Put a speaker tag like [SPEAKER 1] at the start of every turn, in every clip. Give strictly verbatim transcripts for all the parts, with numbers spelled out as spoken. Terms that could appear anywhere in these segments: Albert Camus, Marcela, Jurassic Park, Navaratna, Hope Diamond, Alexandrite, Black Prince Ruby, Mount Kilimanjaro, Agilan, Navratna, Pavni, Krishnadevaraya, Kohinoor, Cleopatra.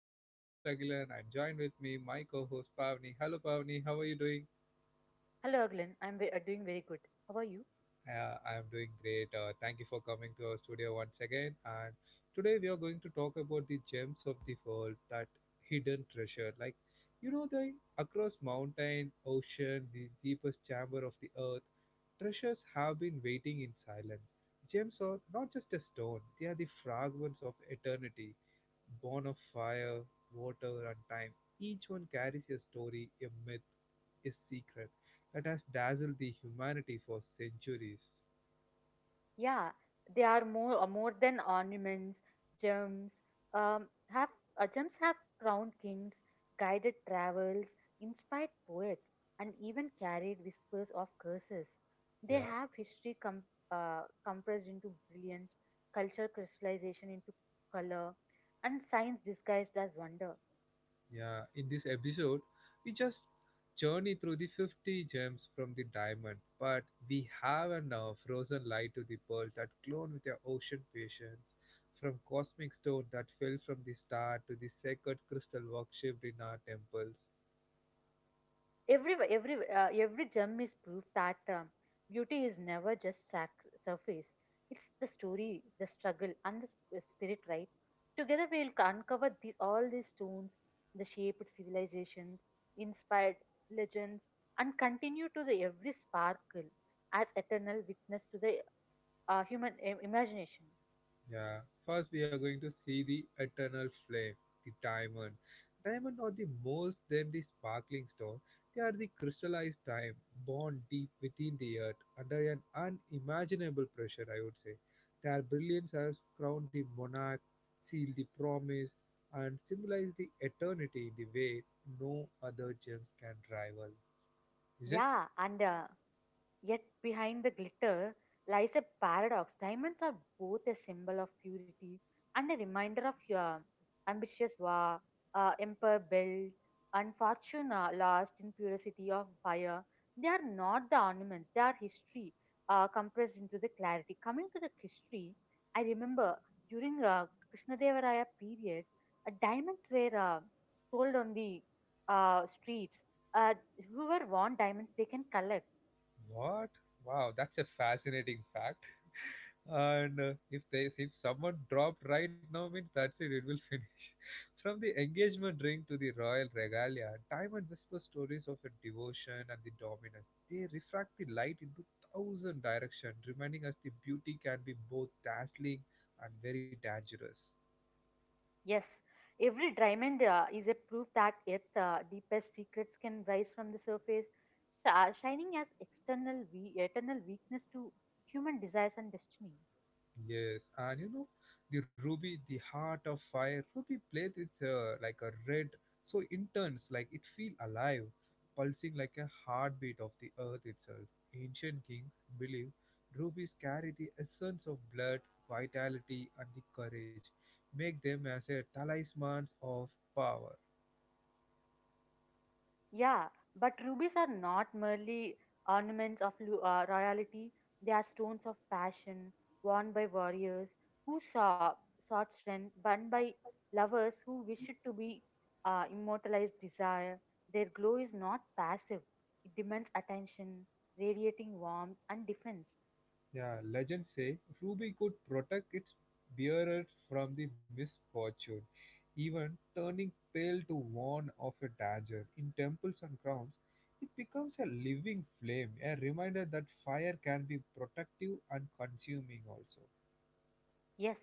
[SPEAKER 1] is your host Agilan and joined with me my co-host Pavni. Hello Pavni, how are you doing?
[SPEAKER 2] Hello, Glenn. I'm ve- uh, doing very good. How are you?
[SPEAKER 1] Uh, I am doing great. Uh, thank you for coming to our studio once again. And today we are going to talk about the gems of the world, that hidden treasure. Like, you know, the across mountain, ocean, the deepest chamber of the earth, treasures have been waiting in silence. Gems are not just a stone; they are the fragments of eternity, born of fire, water, and time. Each one carries a story, a myth, a secret that has dazzled the humanity for centuries.
[SPEAKER 2] Yeah, they are more uh, more than ornaments, gems. Um, have uh, Gems have crowned kings, guided travels, inspired poets, and even carried whispers of curses. They
[SPEAKER 1] Yeah,
[SPEAKER 2] have history com- uh, compressed into brilliance, culture crystallization into color, and science disguised as wonder.
[SPEAKER 1] yeah. In this episode, we just journey through the fifty gems from the diamond, but we have a now frozen light to the pearl that glowed with their ocean patience, from cosmic stone that fell from the star to the sacred crystal worshiped in our temples.
[SPEAKER 2] every every uh, every gem is proof that um, beauty is never just sac- surface. It's the story, the struggle, and the sp- spirit, right? Together we'll uncover these all these stones, the shaped civilizations, inspired legends, and continue to the every sparkle as eternal witness to the uh, human im- imagination.
[SPEAKER 1] Yeah. First, we are going to see the eternal flame, the diamond. Diamond are the most than the sparkling stone. They are the crystallized time, born deep within the earth under an unimaginable pressure, I would say. Their brilliance has crowned the monarch, sealed the promise, and symbolized the eternity in the way no other gems can rival. Is it?
[SPEAKER 2] Yeah and uh, Yet behind the glitter lies a paradox. Diamonds are both a symbol of purity and a reminder of your ambitious war, uh, empire built, and fortune uh, lost in purity of fire. They are not the ornaments, they are history uh, compressed into the clarity. Coming to the history, I remember during uh, Krishnadevaraya period, uh, diamonds were uh, sold on the uh, streets. Uh, Whoever want diamonds, they can collect.
[SPEAKER 1] What? Wow, that's a fascinating fact. And uh, if they if someone dropped right now means that's it it will finish from the engagement ring to the royal regalia diamond and whisper stories of a devotion and the dominance they refract the light into thousand directions reminding us the beauty can be both dazzling and very dangerous.
[SPEAKER 2] Yes, every diamond uh, is a proof that its uh, deepest secrets can rise from the surface, sa- shining as external we- eternal weakness to human desires and destiny.
[SPEAKER 1] Yes, and you know, the Ruby, the heart of fire, Ruby plays with uh, like a red, so intense, like it feel alive, pulsing like a heartbeat of the earth itself. Ancient kings believe rubies carry the essence of blood, vitality, and the courage, make them as a talismans of power.
[SPEAKER 2] Yeah, but rubies are not merely ornaments of lu- uh, royalty, they are stones of passion worn by warriors who saw, sought strength, but by lovers who wished to be uh, immortalized desire. Their glow is not passive, it demands attention, radiating warmth and defense.
[SPEAKER 1] Yeah, legends say Ruby could protect its bearer from the misfortune, even turning pale to warn of a danger. In temples and grounds, it becomes a living flame, a reminder that fire can be protective and consuming also.
[SPEAKER 2] Yes,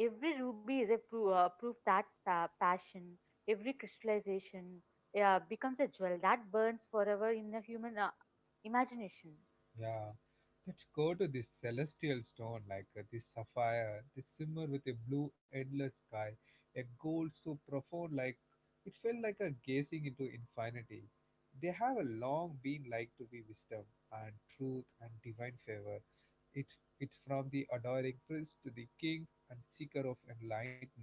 [SPEAKER 2] every ruby is a pro- uh, proof that pa- passion, every crystallization uh, becomes a jewel that burns forever in the human uh, imagination.
[SPEAKER 1] Yeah, let's go to this celestial stone, like uh, this sapphire, this simmer with a blue endless sky, a gold so profound, like it felt like a gazing into infinity. They have a long been like to be wisdom and truth and divine favor. It, it's from the adoring prince to the king and seeker of enlightenment.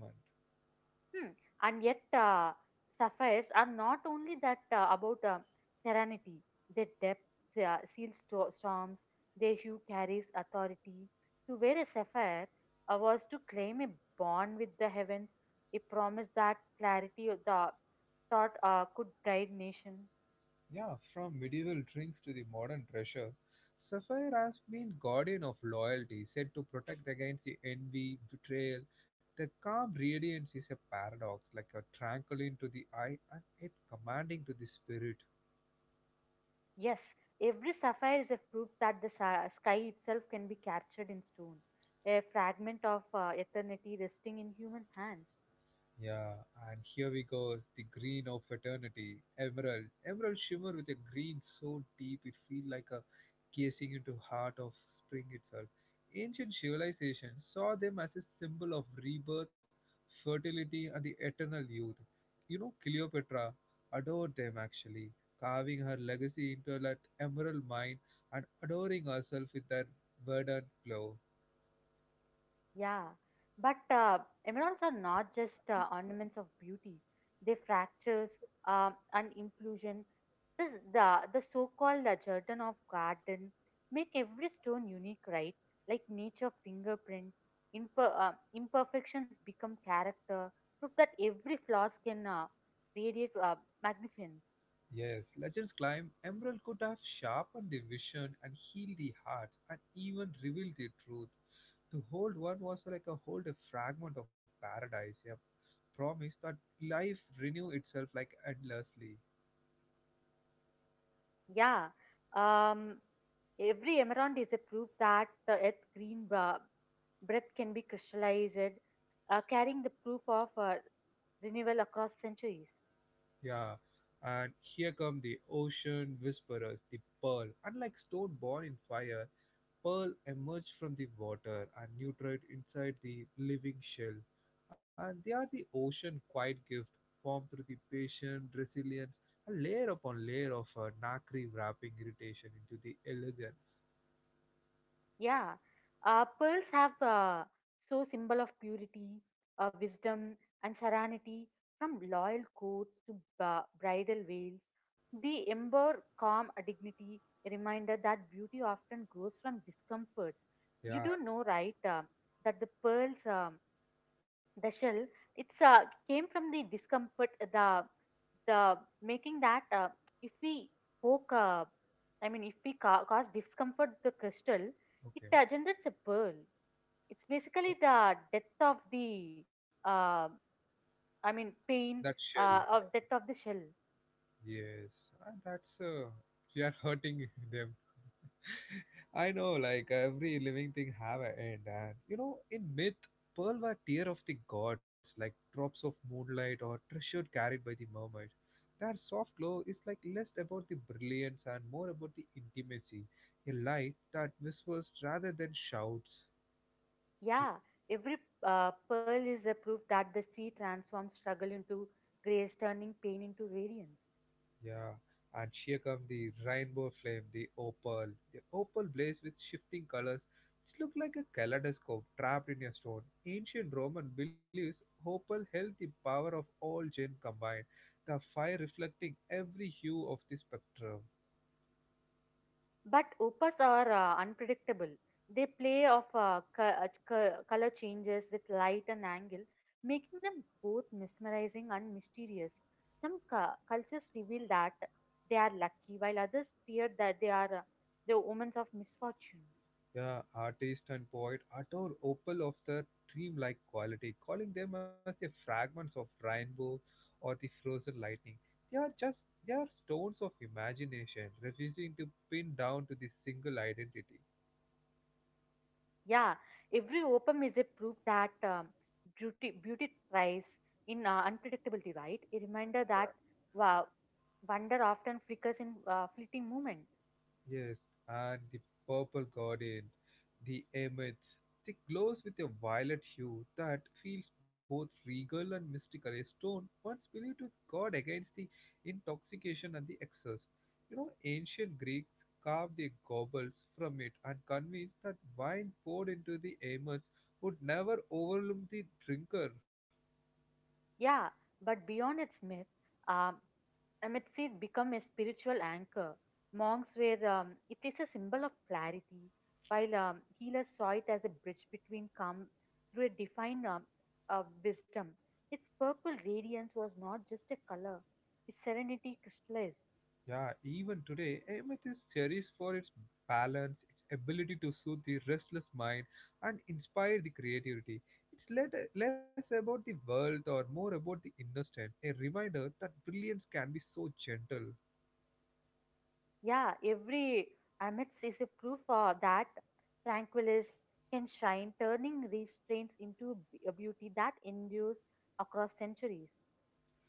[SPEAKER 2] Hmm. And yet, uh, sapphires are not only that uh, about uh, serenity, their depth uh, seals sto- storms, their hue carries authority. To wear a sapphire uh, was to claim a bond with the heavens, a promise that clarity of the thought uh, could guide nation.
[SPEAKER 1] Yeah, from medieval drinks to the modern treasure, Sapphire has been guardian of loyalty, said to protect against the envy, betrayal. The calm radiance is a paradox, like a tranquil to the eye and yet commanding to the spirit.
[SPEAKER 2] Yes, every sapphire is a proof that the sa- sky itself can be captured in stone, a fragment of uh, eternity resting in human hands.
[SPEAKER 1] Yeah, and here we go, is the green of eternity, emerald. Emerald shimmer with a green so deep it feels like a gazing into heart of spring itself. Ancient civilizations saw them as a symbol of rebirth, fertility, and the eternal youth. You know, Cleopatra adored them actually, carving her legacy into that emerald mine and adoring herself with that verdant glow.
[SPEAKER 2] Yeah, but uh, emeralds are not just uh, ornaments of beauty. They fractures um, and inclusion. This the the so-called uh, Jordan of garden make every stone unique, right? Like nature fingerprint. Imper- uh, imperfections become character. Proof that every flaws can uh, radiate uh, magnificence.
[SPEAKER 1] Yes, legends climb. Emerald could have sharpened the vision and healed the hearts and even revealed the truth. To hold one was like a hold a fragment of paradise, a promise that life renew itself like endlessly.
[SPEAKER 2] Yeah. Um, Every emerald is a proof that the earth's green bra- breath can be crystallized, uh, carrying the proof of uh, renewal across centuries.
[SPEAKER 1] Yeah. And here come the ocean whisperers, the pearl, unlike stone born in fire, Pearl emerge from the water and nutrate inside the living shell, and they are the ocean quiet gift formed through the patient resilience, a layer upon layer of uh, nacre wrapping irritation into the elegance.
[SPEAKER 2] Yeah, uh, pearls have uh, so symbol of purity, uh, wisdom, and serenity. From loyal courts to ba- bridal veils, they ember calm uh, dignity, a reminder that beauty often grows from discomfort. You
[SPEAKER 1] Yeah,
[SPEAKER 2] do know, right, uh, that the pearls. Um, the shell it's uh, came from the discomfort uh, the the Making that uh, if we poke uh, I mean if we ca- cause discomfort to the crystal, it
[SPEAKER 1] okay.
[SPEAKER 2] uh, generates a pearl. It's basically the death of the uh, I mean pain
[SPEAKER 1] That shell.
[SPEAKER 2] uh, of death of the shell.
[SPEAKER 1] Yes, and that's uh, we are hurting them. I know, like every living thing have an end, and you know, in myth, pearl were tear of the gods, like drops of moonlight or treasure carried by the mermaids. Their soft glow is like less about the brilliance and more about the intimacy, a light that whispers rather than shouts.
[SPEAKER 2] Yeah, every uh, pearl is a proof that the sea transforms struggle into grace, turning pain into radiance.
[SPEAKER 1] Yeah, and here come the rainbow flame, the opal. The opal blaze with shifting colors, which look like a kaleidoscope trapped in a stone. Ancient Roman beliefs opal held the power of all gen combined, the fire reflecting every hue of the spectrum.
[SPEAKER 2] But opas are uh, unpredictable. They play off uh, co- co- color changes with light and angle, making them both mesmerizing and mysterious. Some cu- cultures reveal that they are lucky, while others fear that they are uh, the omens of misfortune.
[SPEAKER 1] Yeah, artist and poet adore opal of the dreamlike quality, calling them as the fragments of rainbow or the frozen lightning. They are just they are stones of imagination, refusing to pin down to the single identity.
[SPEAKER 2] Yeah, every opum is a proof that um, beauty beauty thrives in uh, unpredictability, right? A reminder that wow, wonder often flickers in uh, fleeting moment.
[SPEAKER 1] Yes, and the purple guardian, the emets, they glows with a violet hue that feels both regal and mystical. A stone once believed to guard against the intoxication and the excess. You know, ancient Greeks carved their gobbles from it and convinced that wine poured into the amets would never overwhelm the drinker.
[SPEAKER 2] Yeah, but beyond its myth, um, Amitsis become a spiritual anchor. Monks were, um, it is a symbol of clarity, while um, healers saw it as a bridge between calm through a defined um, uh, wisdom. Its purple radiance was not just a color, its serenity crystallized.
[SPEAKER 1] Yeah, even today, Ahmed is cherished for its balance, its ability to soothe the restless mind and inspire the creativity. It's let, less about the wealth or more about the inner strength, a reminder that brilliance can be so gentle.
[SPEAKER 2] Yeah, every Amits is a proof uh, that tranquilis can shine, turning restraints into a beauty that endures across centuries.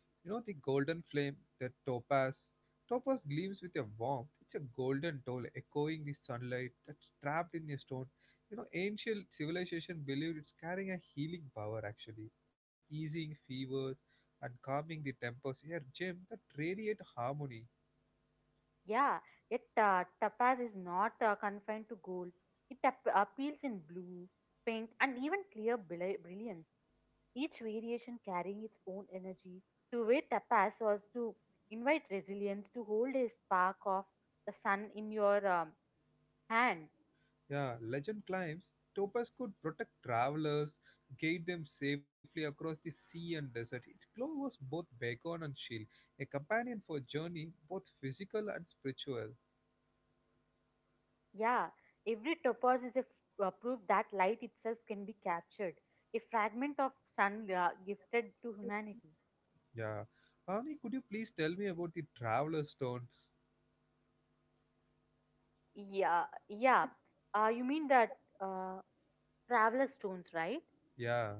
[SPEAKER 1] You know the golden flame, the topaz. Topaz gleams with a warmth. It's a golden doll echoing the sunlight that's trapped in a stone. You know, ancient civilization believed it's carrying a healing power actually, easing fevers and calming the tempers. Here, gem that radiate harmony.
[SPEAKER 2] Yeah, yet uh, tapas is not uh, confined to gold. It ap- appeals in blue, pink, and even clear bri- brilliance. Each variation carrying its own energy. To wear tapas was to invite resilience, to hold a spark of the sun in your um, hand.
[SPEAKER 1] Yeah, legend claims topaz could protect travelers, guide them safely across the sea and desert. Its glow was both beacon and shield, a companion for journey both physical and spiritual.
[SPEAKER 2] Yeah, every tapas is a f- uh, proof that light itself can be captured, a fragment of sun uh, gifted to humanity.
[SPEAKER 1] Yeah. Avni, could you please tell me about the traveler stones?
[SPEAKER 2] Yeah, yeah. Uh, you mean that? Uh, Traveler stones, right?
[SPEAKER 1] Yeah,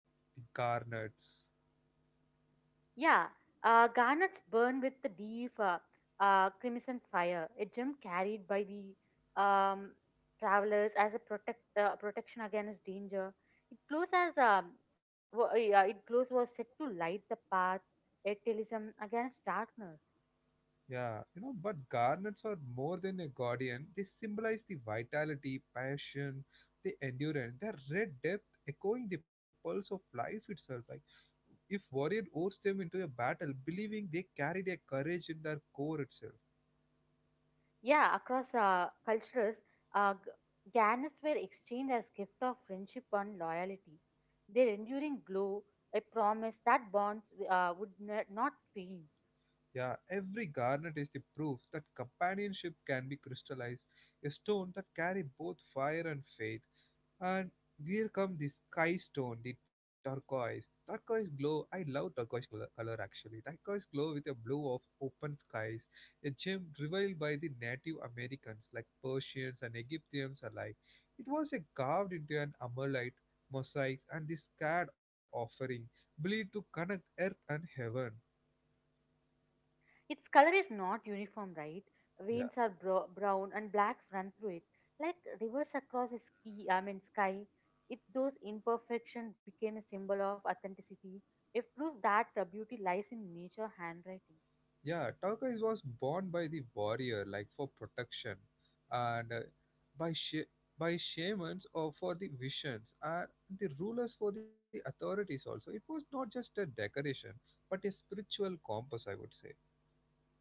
[SPEAKER 1] the garnets.
[SPEAKER 2] Yeah, uh, garnets burn with the deep uh, uh, crimson fire, a gem carried by the um, travelers as a protect uh, protection against danger. It glows as um, wa- uh, it glows was set to light the path, a talisman against darkness.
[SPEAKER 1] Yeah, you know, but garnets are more than a guardian. They symbolize the vitality, passion, the endurance, their red depth echoing the pulse of life itself. Like, if warrior oats them into a battle, believing they carried a courage in their core itself.
[SPEAKER 2] Yeah, across uh, cultures, uh, g- garnets were exchanged as gift of friendship and loyalty. Their enduring glow, a promise that bonds uh, would ne- not fade.
[SPEAKER 1] Yeah, every garnet is the proof that companionship can be crystallized, a stone that carry both fire and faith. And here come the sky stone, the turquoise. Turquoise glow. I love turquoise color, color actually. Turquoise glow with a blue of open skies, a gem revealed by the Native Americans like Persians and Egyptians alike. It was a carved into an amalite mosaic and this scared offering believed to connect earth and heaven.
[SPEAKER 2] Its color is not uniform, right?
[SPEAKER 1] Yeah.
[SPEAKER 2] Veins are bro- brown and blacks run through it, like rivers across a ski. I mean sky. It those imperfections became a symbol of authenticity, a proof that uh, beauty lies in nature handwriting.
[SPEAKER 1] Yeah, Tarkai was born by the warrior, like for protection, and uh, by sh- by shamans or for the visions, and the rulers for the authorities also. It was not just a decoration, but a spiritual compass, I would say.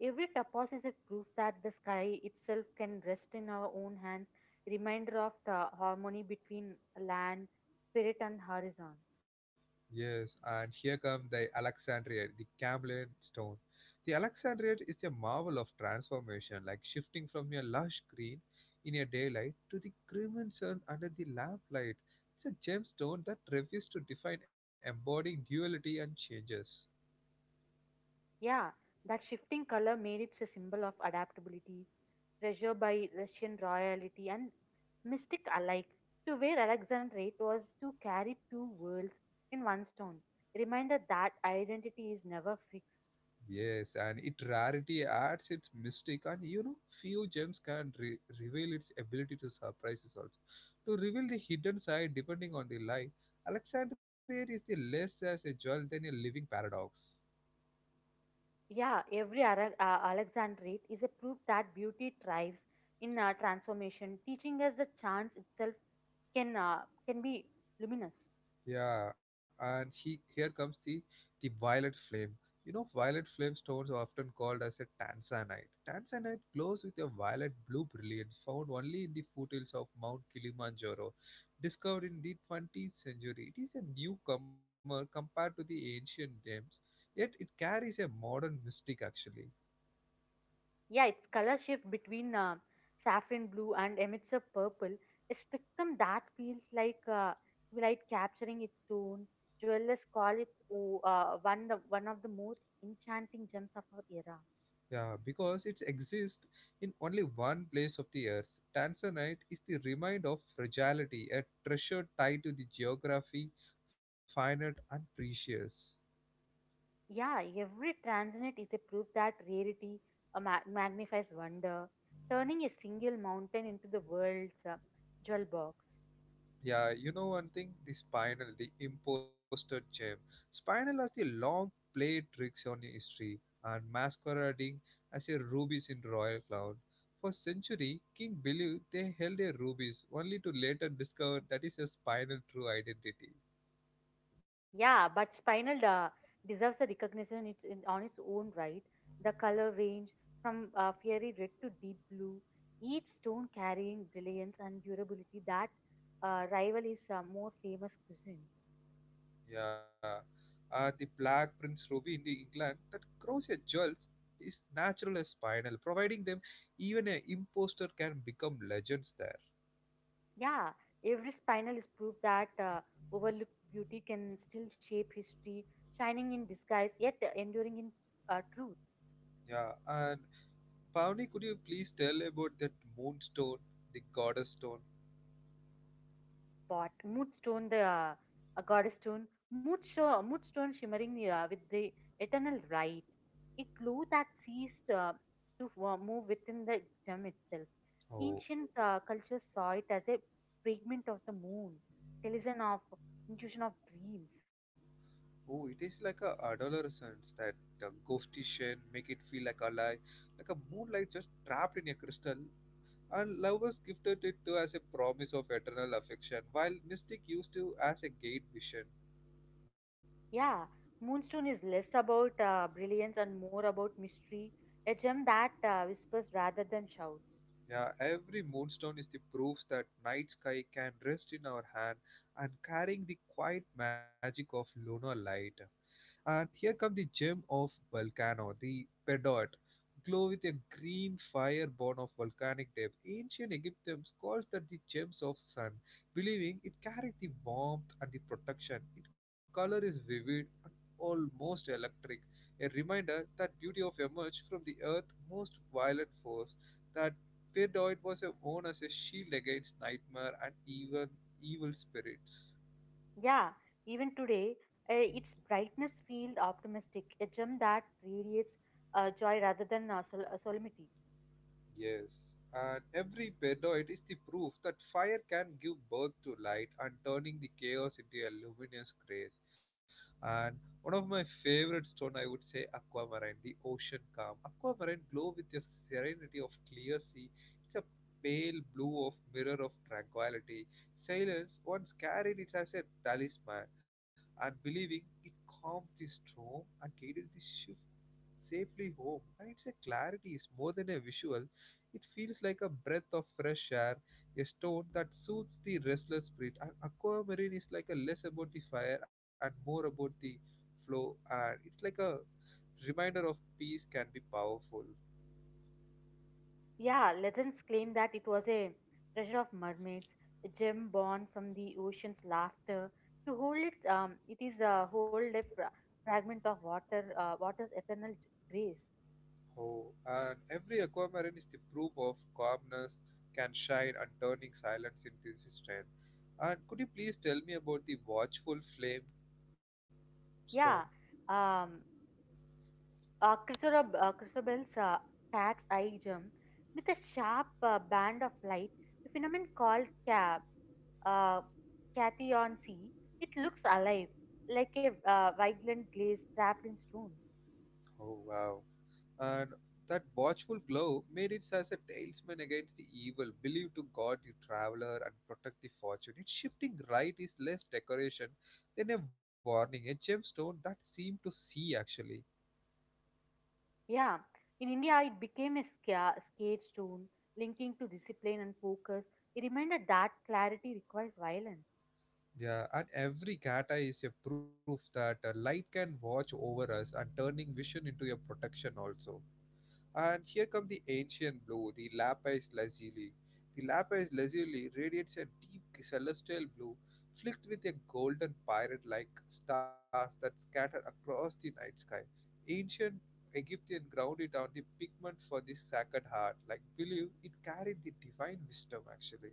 [SPEAKER 2] Every tapas is a proof that the sky itself can rest in our own hands, reminder of the harmony between land, spirit, and horizon.
[SPEAKER 1] Yes, and here come the Alexandriate, the Cambrian stone. The Alexandriate is a marvel of transformation, like shifting from a lush green in a daylight to the crimson under the lamplight. It's a gemstone that refuses to define, embodying duality and changes.
[SPEAKER 2] Yeah, that shifting color made it a symbol of adaptability, treasure by Russian royalty, and mystic alike. To wear Alexandrate was to carry two worlds in one stone, reminder that identity is never fixed.
[SPEAKER 1] Yes, and its rarity adds its mystic, and you know, few gems can re- reveal its ability to surprise us also. To reveal the hidden side depending on the light. Alexandria is the less as a jewel than a living paradox.
[SPEAKER 2] Yeah, every Ara- uh, Alexandrite is a proof that beauty thrives in uh, transformation, teaching us that chance itself can uh, can be luminous.
[SPEAKER 1] Yeah, and he here comes the the violet flame. You know, violet flame stones are often called as a tanzanite. Tanzanite glows with a violet blue brilliance found only in the foothills of Mount Kilimanjaro, discovered in the twentieth century. It is a newcomer compared to the ancient gems, yet it carries a modern mystic actually.
[SPEAKER 2] Yeah, its color shift between uh, saffron blue and emits a purple, a spectrum that feels like uh, light capturing its tone. Jewelers call it oh, uh, one the, one of the most enchanting gems of our era.
[SPEAKER 1] Yeah, because it exists in only one place of the earth. Tanzanite is the remind of fragility, a treasure tied to the geography, finite and precious.
[SPEAKER 2] Yeah, every transient is a proof that rarity uh, ma- magnifies wonder, turning a single mountain into the world's uh, jewel box.
[SPEAKER 1] Yeah, you know one thing, the spinal, the imposter gem. Spinal has the long played tricks on history and masquerading as a rubies in royal crown. For century, king believed they held a rubies, only to later discover that is a spinal true identity.
[SPEAKER 2] Yeah, but Spinal uh, deserves a recognition it, in, on its own right. The color range from uh, fiery red to deep blue, each stone carrying brilliance and durability that uh, rival is uh, more famous cuisine.
[SPEAKER 1] Yeah, uh, the black prince ruby in the England that grows a jewels is natural as spinal, providing them even a imposter can become legends there.
[SPEAKER 2] Yeah, every spinal is proof that uh, overlooked beauty can still shape history, shining in disguise yet enduring in uh, truth.
[SPEAKER 1] Yeah, and Pavni, could you please tell about that moonstone, the goddess stone?
[SPEAKER 2] Pot, mood stone, the uh, a goddess stone, mood, show, mood stone shimmering uh, with the eternal light, a clue that ceased uh, to uh, move within the gem itself.
[SPEAKER 1] Oh,
[SPEAKER 2] Ancient uh, cultures saw it as a fragment of the moon, talisman of intuition of dreams.
[SPEAKER 1] oh, it is like a adolescence that uh, ghostition make it feel like alive, like a moonlight just trapped in a crystal. And lovers gifted it to as a promise of eternal affection, while mystic used to as a gate vision.
[SPEAKER 2] Yeah, Moonstone is less about uh, brilliance and more about mystery, a gem that uh, whispers rather than shouts.
[SPEAKER 1] Yeah, every moonstone is the proof that night sky can rest in our hand and carrying the quiet magic of lunar light. And here come the gem of Volcano, the Pedot, glow with a green fire born of volcanic depth. Ancient Egyptians called that the gems of sun, believing it carried the warmth and the protection. Its color is vivid and almost electric, a reminder that beauty of emerged from the earth's most violent force. That Pedoid was a worn as a shield against nightmare and even evil spirits.
[SPEAKER 2] Yeah, even today, uh, its brightness feels optimistic, a gem that radiates uh, joy rather than uh, sol- uh, solemnity.
[SPEAKER 1] Yes, and every pedoid is the proof that fire can give birth to light and turning the chaos into a luminous grace. And one of my favorite stone, I would say aquamarine, the ocean calm. Aquamarine glow with a serenity of clear sea. It's a pale blue of mirror of tranquility. Sailors once carried it as a talisman and believing it calmed the storm and guided the ship safely home. And it's a clarity is more than a visual. It feels like a breath of fresh air, a stone that soothes the restless spirit. A- Aquamarine is like a less about the fire and more about the flow, and it's like a reminder of peace can be powerful.
[SPEAKER 2] Yeah, legends claim that it was a treasure of mermaids, a gem born from the ocean's laughter. To hold it, um, it is a hold a fra- fragment of water, uh, water's eternal j- grace.
[SPEAKER 1] Oh, and every aquamarine is the proof of calmness can shine and turning silence into strength. And could you please tell me about the watchful flame stone?
[SPEAKER 2] Yeah, um, Uh, Christabel, uh, Christabel's uh, tax item with a sharp uh, band of light, the phenomenon called cab, uh, cation C, it looks alive, like a uh, vigilant glaze trapped in stone.
[SPEAKER 1] Oh, wow. And that watchful glow made it as a talisman against the evil, believed to guard the traveler and protect the fortune. Its shifting right is less decoration than a warning, a gemstone that seemed to see actually.
[SPEAKER 2] Yeah, in India, it became a sca- scared stone, linking to discipline and focus. It reminded that clarity requires violence.
[SPEAKER 1] Yeah, and every kata is a proof that uh, light can watch over us and turning vision into a protection also. And here comes the ancient blue, the lapis lazuli. The lapis lazuli radiates a deep celestial blue, flecked with a golden pirate like stars that scatter across the night sky. Ancient Egyptian grounded on the pigment for the sacred heart, like believe it carried the divine wisdom actually.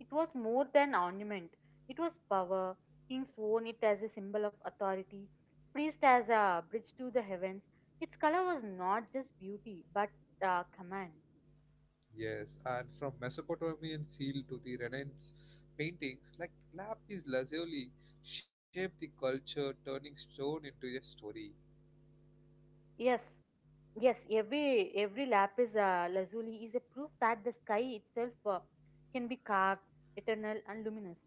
[SPEAKER 2] It was more than ornament, it was power. Kings worn it as a symbol of authority, priests as a bridge to the heavens. Its color was not just beauty, but uh, command.
[SPEAKER 1] Yes, and from Mesopotamian seal to the Renaissance paintings, like lapis lazuli shaped the culture, turning stone into a story.
[SPEAKER 2] Yes, yes, every every lapis uh, lazuli is a proof that the sky itself uh, can be carved, eternal, and luminous.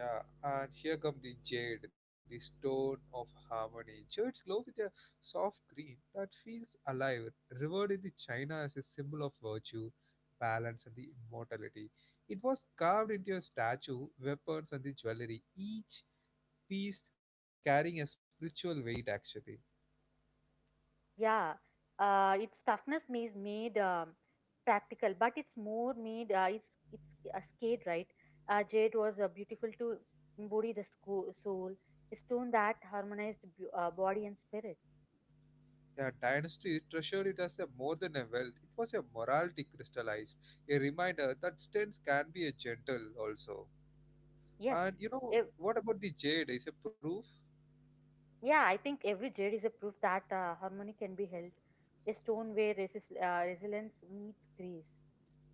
[SPEAKER 1] Yeah, and here come the jade, the stone of harmony. Jades glow with a soft green that feels alive, revered in the China as a symbol of virtue, balance, and the immortality. It was carved into a statue, weapons, and the jewelry, each piece carrying a spiritual weight actually.
[SPEAKER 2] Yeah, uh, its toughness is made um, practical, but it's more made. Uh, it's it's a skate, right? Uh, jade was uh, beautiful to embody the sco- soul, a stone that harmonized b- uh, body and spirit.
[SPEAKER 1] The dynasty treasured it as a more than a wealth, it was a morality crystallized, a reminder that stones can be a gentle also.
[SPEAKER 2] Yes,
[SPEAKER 1] And you know
[SPEAKER 2] ev-
[SPEAKER 1] what about the jade? Is a proof?
[SPEAKER 2] yeah, I think every jade is a proof that uh, harmony can be held. A stone where resist, uh, resilience meets grace.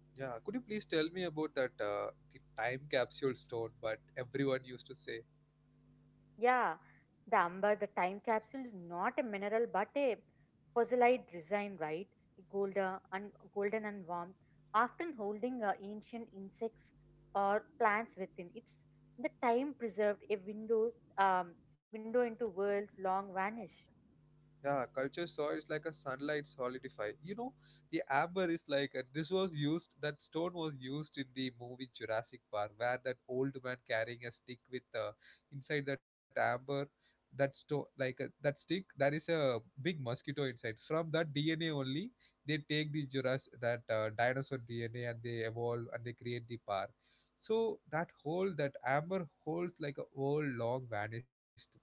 [SPEAKER 1] Yeah, could you please tell me about that uh, the time capsule stone? But everyone used to say.
[SPEAKER 2] Yeah, the amber, the time capsule is not a mineral but a fossilized design, right? Golden and golden and warm, often holding uh, ancient insects or plants within. It's the time preserved a windows um, window into worlds long vanished.
[SPEAKER 1] Yeah, culture saw is like a sunlight solidify. You know, the amber is like uh, this was used. That stone was used in the movie Jurassic Park, where that old man carrying a stick with uh, inside that amber, that stone like uh, that stick. There is a big mosquito inside. From that D N A only, they take the Jurassic that uh, dinosaur D N A and they evolve and they create the park. So that hole, that amber holds like a whole long vanished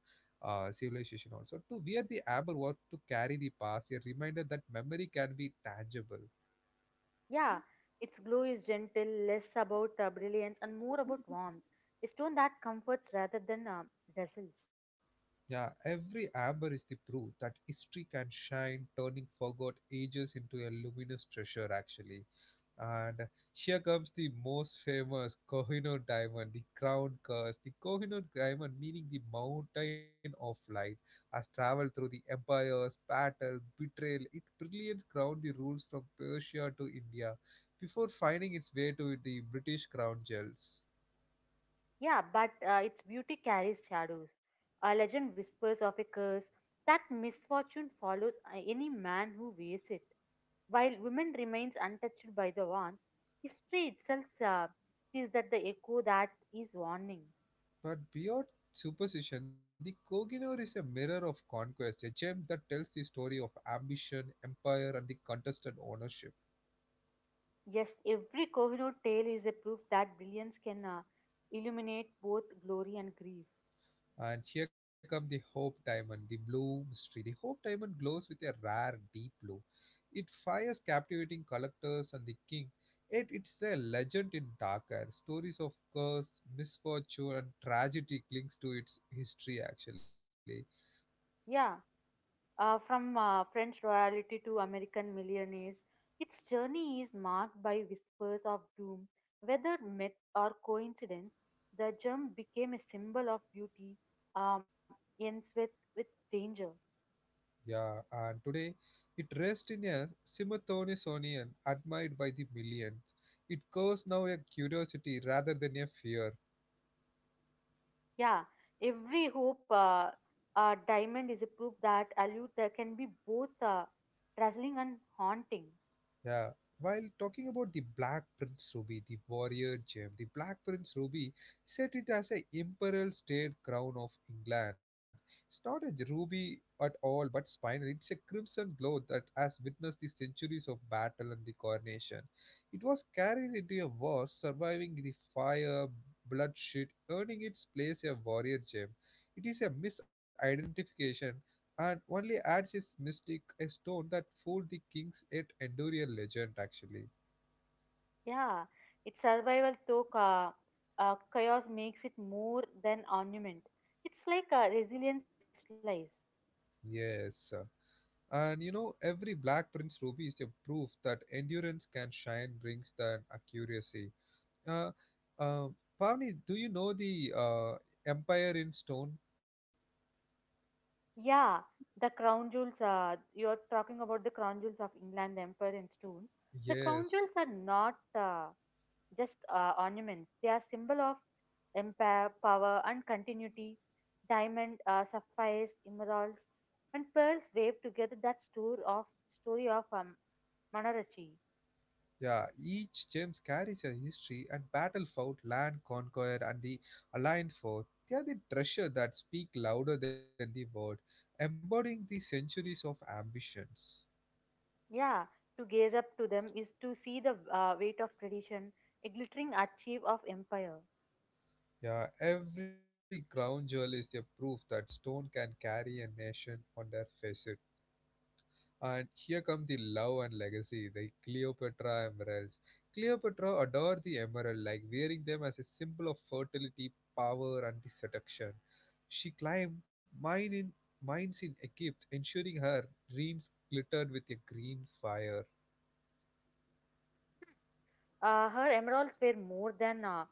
[SPEAKER 1] uh, civilization also to wear the amber work to carry the past a reminder that memory can be tangible.
[SPEAKER 2] Yeah, its glow is gentle, less about uh, brilliance and more about warmth. A stone that comforts rather than uh, dazzles.
[SPEAKER 1] Yeah, every amber is the proof that history can shine, turning forgot ages into a luminous treasure, actually. And here comes the most famous Kohinoor diamond, the crown curse. The Kohinoor diamond, meaning the mountain of light, has traveled through the empires, battle, betrayal. It brilliance crowned the rules from Persia to India before finding its way to the British crown jewels.
[SPEAKER 2] Yeah, but uh, its beauty carries shadows. A legend whispers of a curse that misfortune follows uh, any man who wears it. While women remains untouched by the warmth, history itself uh, sees that the echo that is warning.
[SPEAKER 1] But beyond superstition, the Koginor is a mirror of conquest, a gem that tells the story of ambition, empire, and the contested ownership.
[SPEAKER 2] Yes, every Kohinoor tale is a proof that brilliance can uh, illuminate both glory and grief.
[SPEAKER 1] And here comes the Hope Diamond, the blue mystery. The Hope Diamond glows with a rare deep blue. It fires captivating collectors and the king, yet it's a legend in darker. Stories of curse, misfortune, and tragedy clings to its history actually.
[SPEAKER 2] Yeah. Uh, from uh, French royalty to American millionaires, its journey is marked by whispers of doom. Whether myth or coincidence, the gem became a symbol of beauty, um, ends with, with danger.
[SPEAKER 1] Yeah, and today it rests in a simultaneous admired by the millions. It covers now a curiosity rather than a fear.
[SPEAKER 2] Yeah, every hope uh, uh, diamond is a proof that Alute uh, can be both uh, dazzling and haunting.
[SPEAKER 1] Yeah. While talking about the Black Prince Ruby, the warrior gem, the Black Prince Ruby set it as a imperial state crown of England. It's not a ruby at all, but spinal. It's a crimson glow that has witnessed the centuries of battle and the coronation. It was carried into a war, surviving the fire, bloodshed, earning its place a warrior gem. It is a misidentification and only adds his mystic a stone that fooled the kings yet endure a legend actually.
[SPEAKER 2] Yeah, its survival though uh, uh, chaos makes it more than ornament. It's like a resilience crystallized.
[SPEAKER 1] Yes, uh, and you know every black prince ruby is a proof that endurance can shine brings that accuracy. uh, uh, Pavni, do you know the uh, empire in stone?
[SPEAKER 2] Yeah, the crown jewels. Uh, you're talking about the crown jewels of England, the Empire and Stone. The crown
[SPEAKER 1] Yes.
[SPEAKER 2] jewels are not uh, just uh, ornaments; they are symbol of empire, power, and continuity. Diamond, uh, sapphires, emeralds, and pearls wave together that story of story of um, Manarachi.
[SPEAKER 1] Yeah, each gems carries a history and battle fought, land conquered, and the aligned fought. They are the treasure that speak louder than the word, embodying the centuries of ambitions.
[SPEAKER 2] Yeah, to gaze up to them is to see the uh, weight of tradition, a glittering archive of empire.
[SPEAKER 1] Yeah, every crown jewel is the proof that stone can carry a nation on their faces. And here come the love and legacy, the Cleopatra emeralds. Cleopatra adored the emerald, like wearing them as a symbol of fertility, power, and the seduction. She climbed mine in, mines in Egypt, ensuring her dreams glittered with a green fire.
[SPEAKER 2] Uh, her emeralds were more than uh,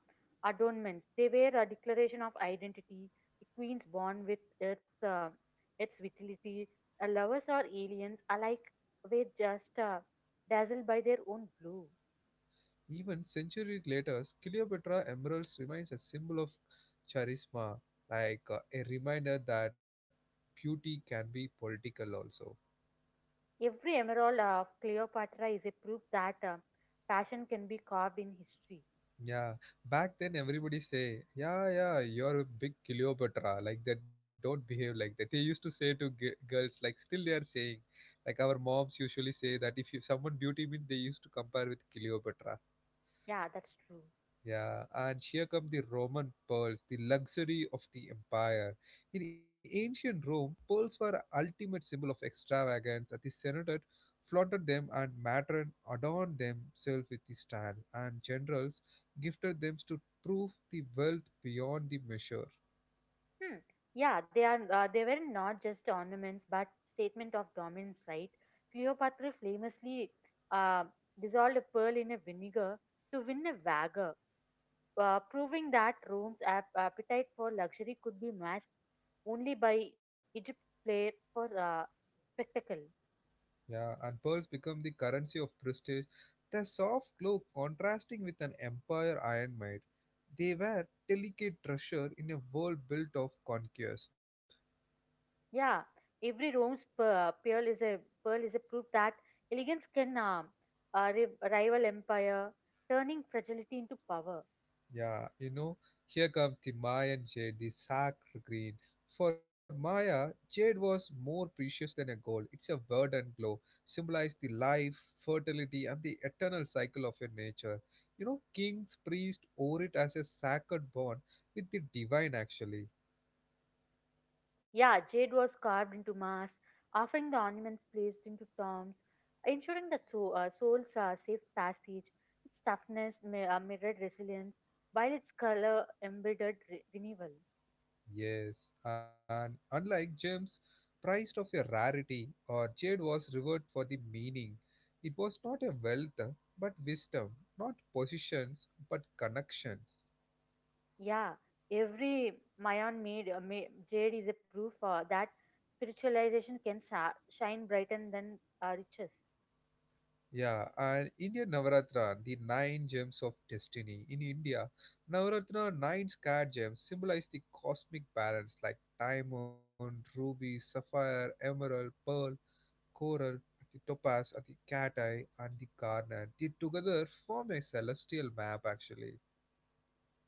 [SPEAKER 2] adornments. They were a declaration of identity, a queen's bond with Earth's, uh, its vitality. Uh, lovers or aliens alike were just uh, dazzled by their own blue.
[SPEAKER 1] Even centuries later, Cleopatra emeralds remains a symbol of charisma, like uh, a reminder that beauty can be political also.
[SPEAKER 2] Every emerald of Cleopatra is a proof that uh, passion can be carved in history.
[SPEAKER 1] Yeah, back then everybody say, yeah, yeah, you're a big Cleopatra, like that. Don't behave like that. They used to say to g- girls, like still they are saying, like our moms usually say that if you someone beauty means they used to compare with Cleopatra.
[SPEAKER 2] Yeah, that's true.
[SPEAKER 1] Yeah, and here come the Roman pearls, the luxury of the empire. In ancient Rome, pearls were ultimate symbol of extravagance, and the Senate flaunted them and matron adorned themselves with the style, and generals gifted them to prove the wealth beyond the measure.
[SPEAKER 2] Hmm. Yeah, they are. Uh, they were not just ornaments, but statement of dominance, right? Cleopatra famously uh, dissolved a pearl in a vinegar to win a wager, uh, proving that Rome's ap- appetite for luxury could be matched only by Egypt's flair for uh, spectacle.
[SPEAKER 1] Yeah, and pearls become the currency of prestige, their soft glow contrasting with an empire iron maid. They were delicate treasure in a world built of conquest.
[SPEAKER 2] Yeah, every Rome's pe- pearl is a pearl is a proof that elegance can uh, uh, ri- rival empire, turning fragility into power.
[SPEAKER 1] Yeah, you know, here comes the Mayan jade, the sacred green. For Maya, jade was more precious than a gold. It's a verdant glow, symbolized the life, fertility, and the eternal cycle of your nature. You know, kings, priests, wore it as a sacred bond with the divine, actually.
[SPEAKER 2] Yeah, jade was carved into mass, offering the ornaments placed into tombs, ensuring the soul, uh, soul's uh, safe passage. Its toughness mi- uh, mirrored resilience, while its color embittered re- renewal.
[SPEAKER 1] Yes, and unlike gems, prized of a rarity, or jade was revered for the meaning. It was not a wealth, but wisdom, not positions, but connections.
[SPEAKER 2] Yeah, every Mayan made uh, ma- jade is a proof uh, that spiritualization can sa- shine brighter than uh, riches.
[SPEAKER 1] Yeah, and Indian Navaratra, the nine gems of destiny. In India, Navaratra, nine scared gems symbolize the cosmic balance like diamond, ruby, sapphire, emerald, pearl, coral, the topaz, and the cat eye, and the garnet, they together form a celestial map actually.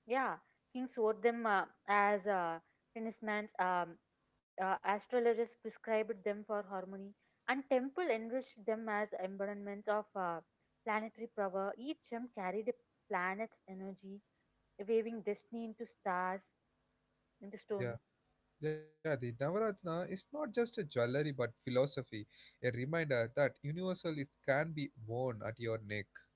[SPEAKER 2] Yeah, kings wore them uh, as uh, talismans, um, uh, astrologers prescribed them for harmony, and temple enriched them as embodiments of uh, planetary power. Each gem carried a planet's energy, waving destiny into stars, into stone.
[SPEAKER 1] Yeah, yeah, the Navaratna is not just a jewelry but philosophy, a reminder that universal it can be worn at your neck.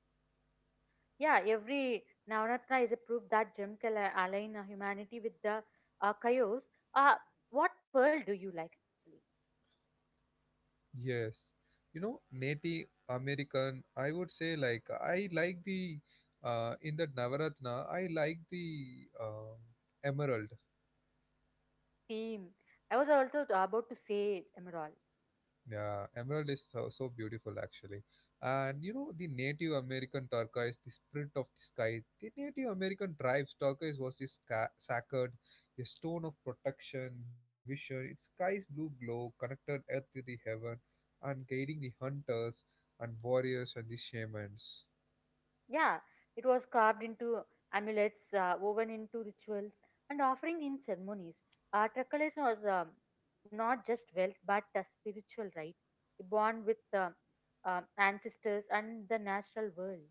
[SPEAKER 2] Yeah, every Navratna is a proof that gem can a- align uh, humanity with the uh, chaos. Uh, what pearl do you like, actually?
[SPEAKER 1] Yes. You know, Native American, I would say like I like the uh, in the Navaratna, I like the uh, emerald.
[SPEAKER 2] Theme. I was also about to say emerald.
[SPEAKER 1] Yeah, emerald is so, so beautiful actually. And you know, the Native American turquoise, the spirit of the sky, the Native American tribes, turquoise was this ca- sacred, a stone of protection, vision, its sky's blue glow connected earth to the heaven and guiding the hunters and warriors and the shamans.
[SPEAKER 2] Yeah, it was carved into amulets, uh, woven into rituals, and offering in ceremonies. Uh, Tricololis was um, not just wealth but a spiritual right, born with uh, um, ancestors and the natural world.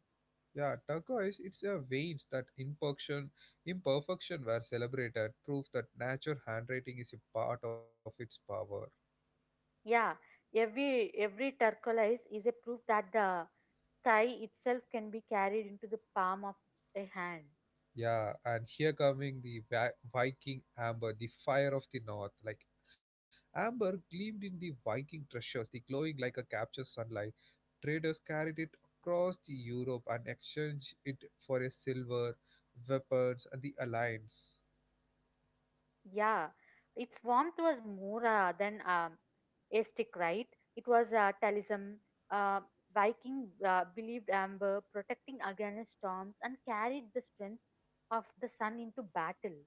[SPEAKER 1] Yeah, turquoise, it's a veins that imperfection, imperfection were celebrated, proof that nature handwriting is a part of its power.
[SPEAKER 2] Yeah, every every turquoise is a proof that the sky itself can be carried into the palm of a hand.
[SPEAKER 1] Yeah, and here coming the Vi- Viking amber, the fire of the north. Like amber gleamed in the Viking treasures, the glowing like a captured sunlight. Traders carried it across the Europe and exchanged it for a silver, weapons, and the alliance.
[SPEAKER 2] Yeah, its warmth was more uh, than um, aesthetic, right? It was uh, talism. Uh, Viking uh, believed amber, protecting against storms, and carried the strength of the sun into battle.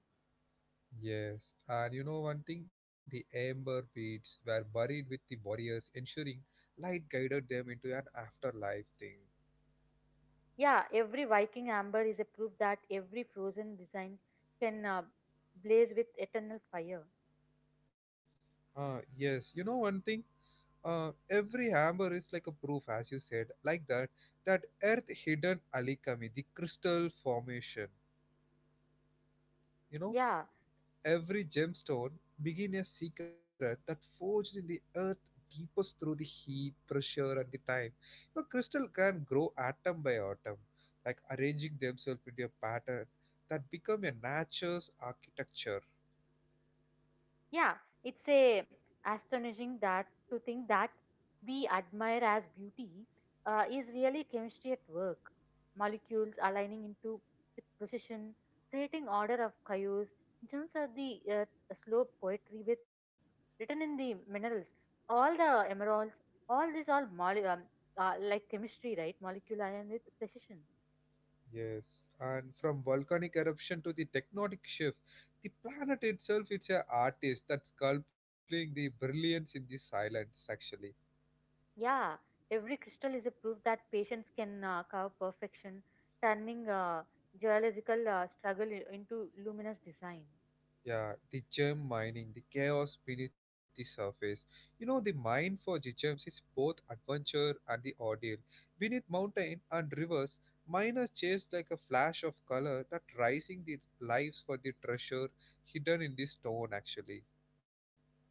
[SPEAKER 1] Yes, and you know one thing, the amber beads were buried with the warriors, ensuring light guided them into an afterlife thing.
[SPEAKER 2] Yeah, every Viking amber is a proof that every frozen design can uh, blaze with eternal fire.
[SPEAKER 1] Ah, yes, you know one thing. Uh, every amber is like a proof, as you said, like that, that earth hidden alikami, the crystal formation. You know,
[SPEAKER 2] Yeah,
[SPEAKER 1] every gemstone begin a secret that forged in the earth deepest through the heat, pressure, and the time. You know, crystal can grow atom by atom, like arranging themselves into a pattern that become a nature's architecture.
[SPEAKER 2] Yeah, it's a astonishing that to think that we admire as beauty uh, is really chemistry at work. Molecules aligning into with precision, creating order of chaos. Gems are the uh, slow poetry with written in the minerals. All the emeralds, all these all mole- um, uh, like chemistry, right? Molecule aligned with precision.
[SPEAKER 1] Yes, and from volcanic eruption to the tectonic shift, the planet itself is an artist that's sculpting the brilliance in the silence, actually.
[SPEAKER 2] Yeah, every crystal is a proof that patience can uh, carve perfection, turning uh, geological uh, struggle i- into luminous design.
[SPEAKER 1] Yeah, the gem mining, the chaos beneath the surface. You know, the mine for the gems is both adventure and the ordeal. Beneath mountain and rivers, miners chase like a flash of color that rising the lives for the treasure hidden in the stone, actually.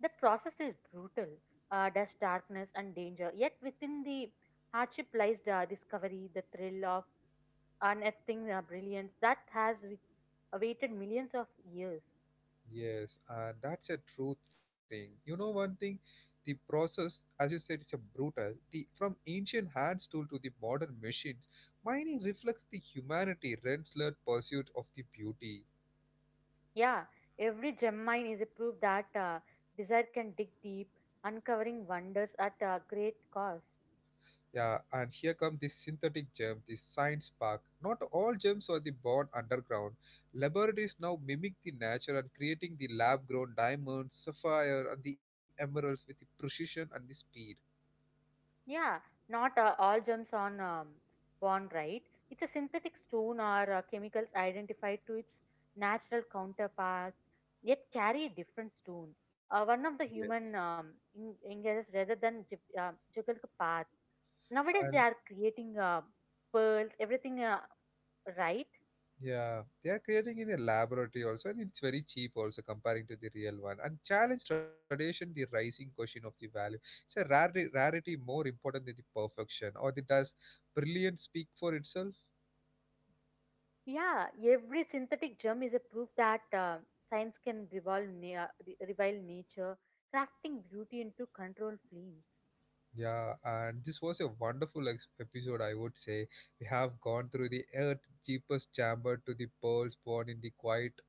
[SPEAKER 2] The process is brutal, uh, there's darkness and danger, yet within the hardship lies the discovery, the thrill of unearthing uh, brilliance that has wi- awaited millions of years.
[SPEAKER 1] Yes, and that's a true thing. You know one thing, the process, as you said, is a brutal. The from ancient hand tool to the modern machines, mining reflects the humanity relentless pursuit of the beauty.
[SPEAKER 2] Yeah, every gem mine is a proof that uh, desire can dig deep, uncovering wonders at a great cost.
[SPEAKER 1] Yeah, and here comes the synthetic gem, the science park. Not all gems are the born underground. Laboratories now mimic the nature and creating the lab-grown diamonds, sapphire, and the emeralds with the precision and the speed.
[SPEAKER 2] Yeah, not uh, all jumps on um, born right. It's a synthetic stone or uh, chemicals identified to its natural counterparts, yet carry a different stone. Uh, one
[SPEAKER 1] Yes.
[SPEAKER 2] of the human um, in- engages rather than jug- uh, juggle the path. Nowadays, they are creating uh, pearls, everything uh, right.
[SPEAKER 1] Yeah, they are creating in a laboratory also, and it's very cheap also comparing to the real one. And challenge tradition, the rising question of the value. It's a rarity, rarity more important than the perfection, or the does brilliance speak for itself?
[SPEAKER 2] Yeah, every synthetic gem is a proof that uh, science can revolve na- re- revile nature, crafting beauty into controlled flames.
[SPEAKER 1] Yeah, and this was a wonderful ex- episode, I would say. We have gone through the Earth's deepest chamber to the pearls born in the quiet,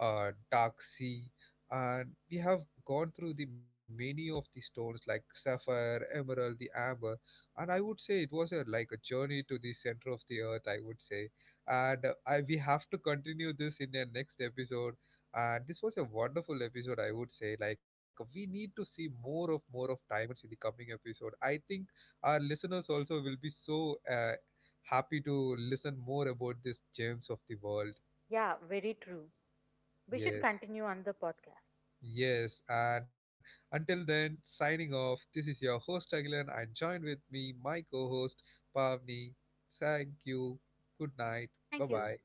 [SPEAKER 1] uh, dark sea, and we have gone through the many of the stones like sapphire, emerald, the amber, and I would say it was a like a journey to the center of the Earth. I would say, and uh, I we have to continue this in the next episode. And this was a wonderful episode, I would say. Like we need to see more of more of diamonds in the coming episode. I think our listeners also will be so uh, happy to listen more about these gems of the world.
[SPEAKER 2] Yeah, very true. We should
[SPEAKER 1] Yes,
[SPEAKER 2] continue on the podcast.
[SPEAKER 1] yes. And until then, signing off. This is your host Agilan, and joined with me my co-host Pavni. Thank you. Good night. Bye
[SPEAKER 2] Thank you.
[SPEAKER 1] bye.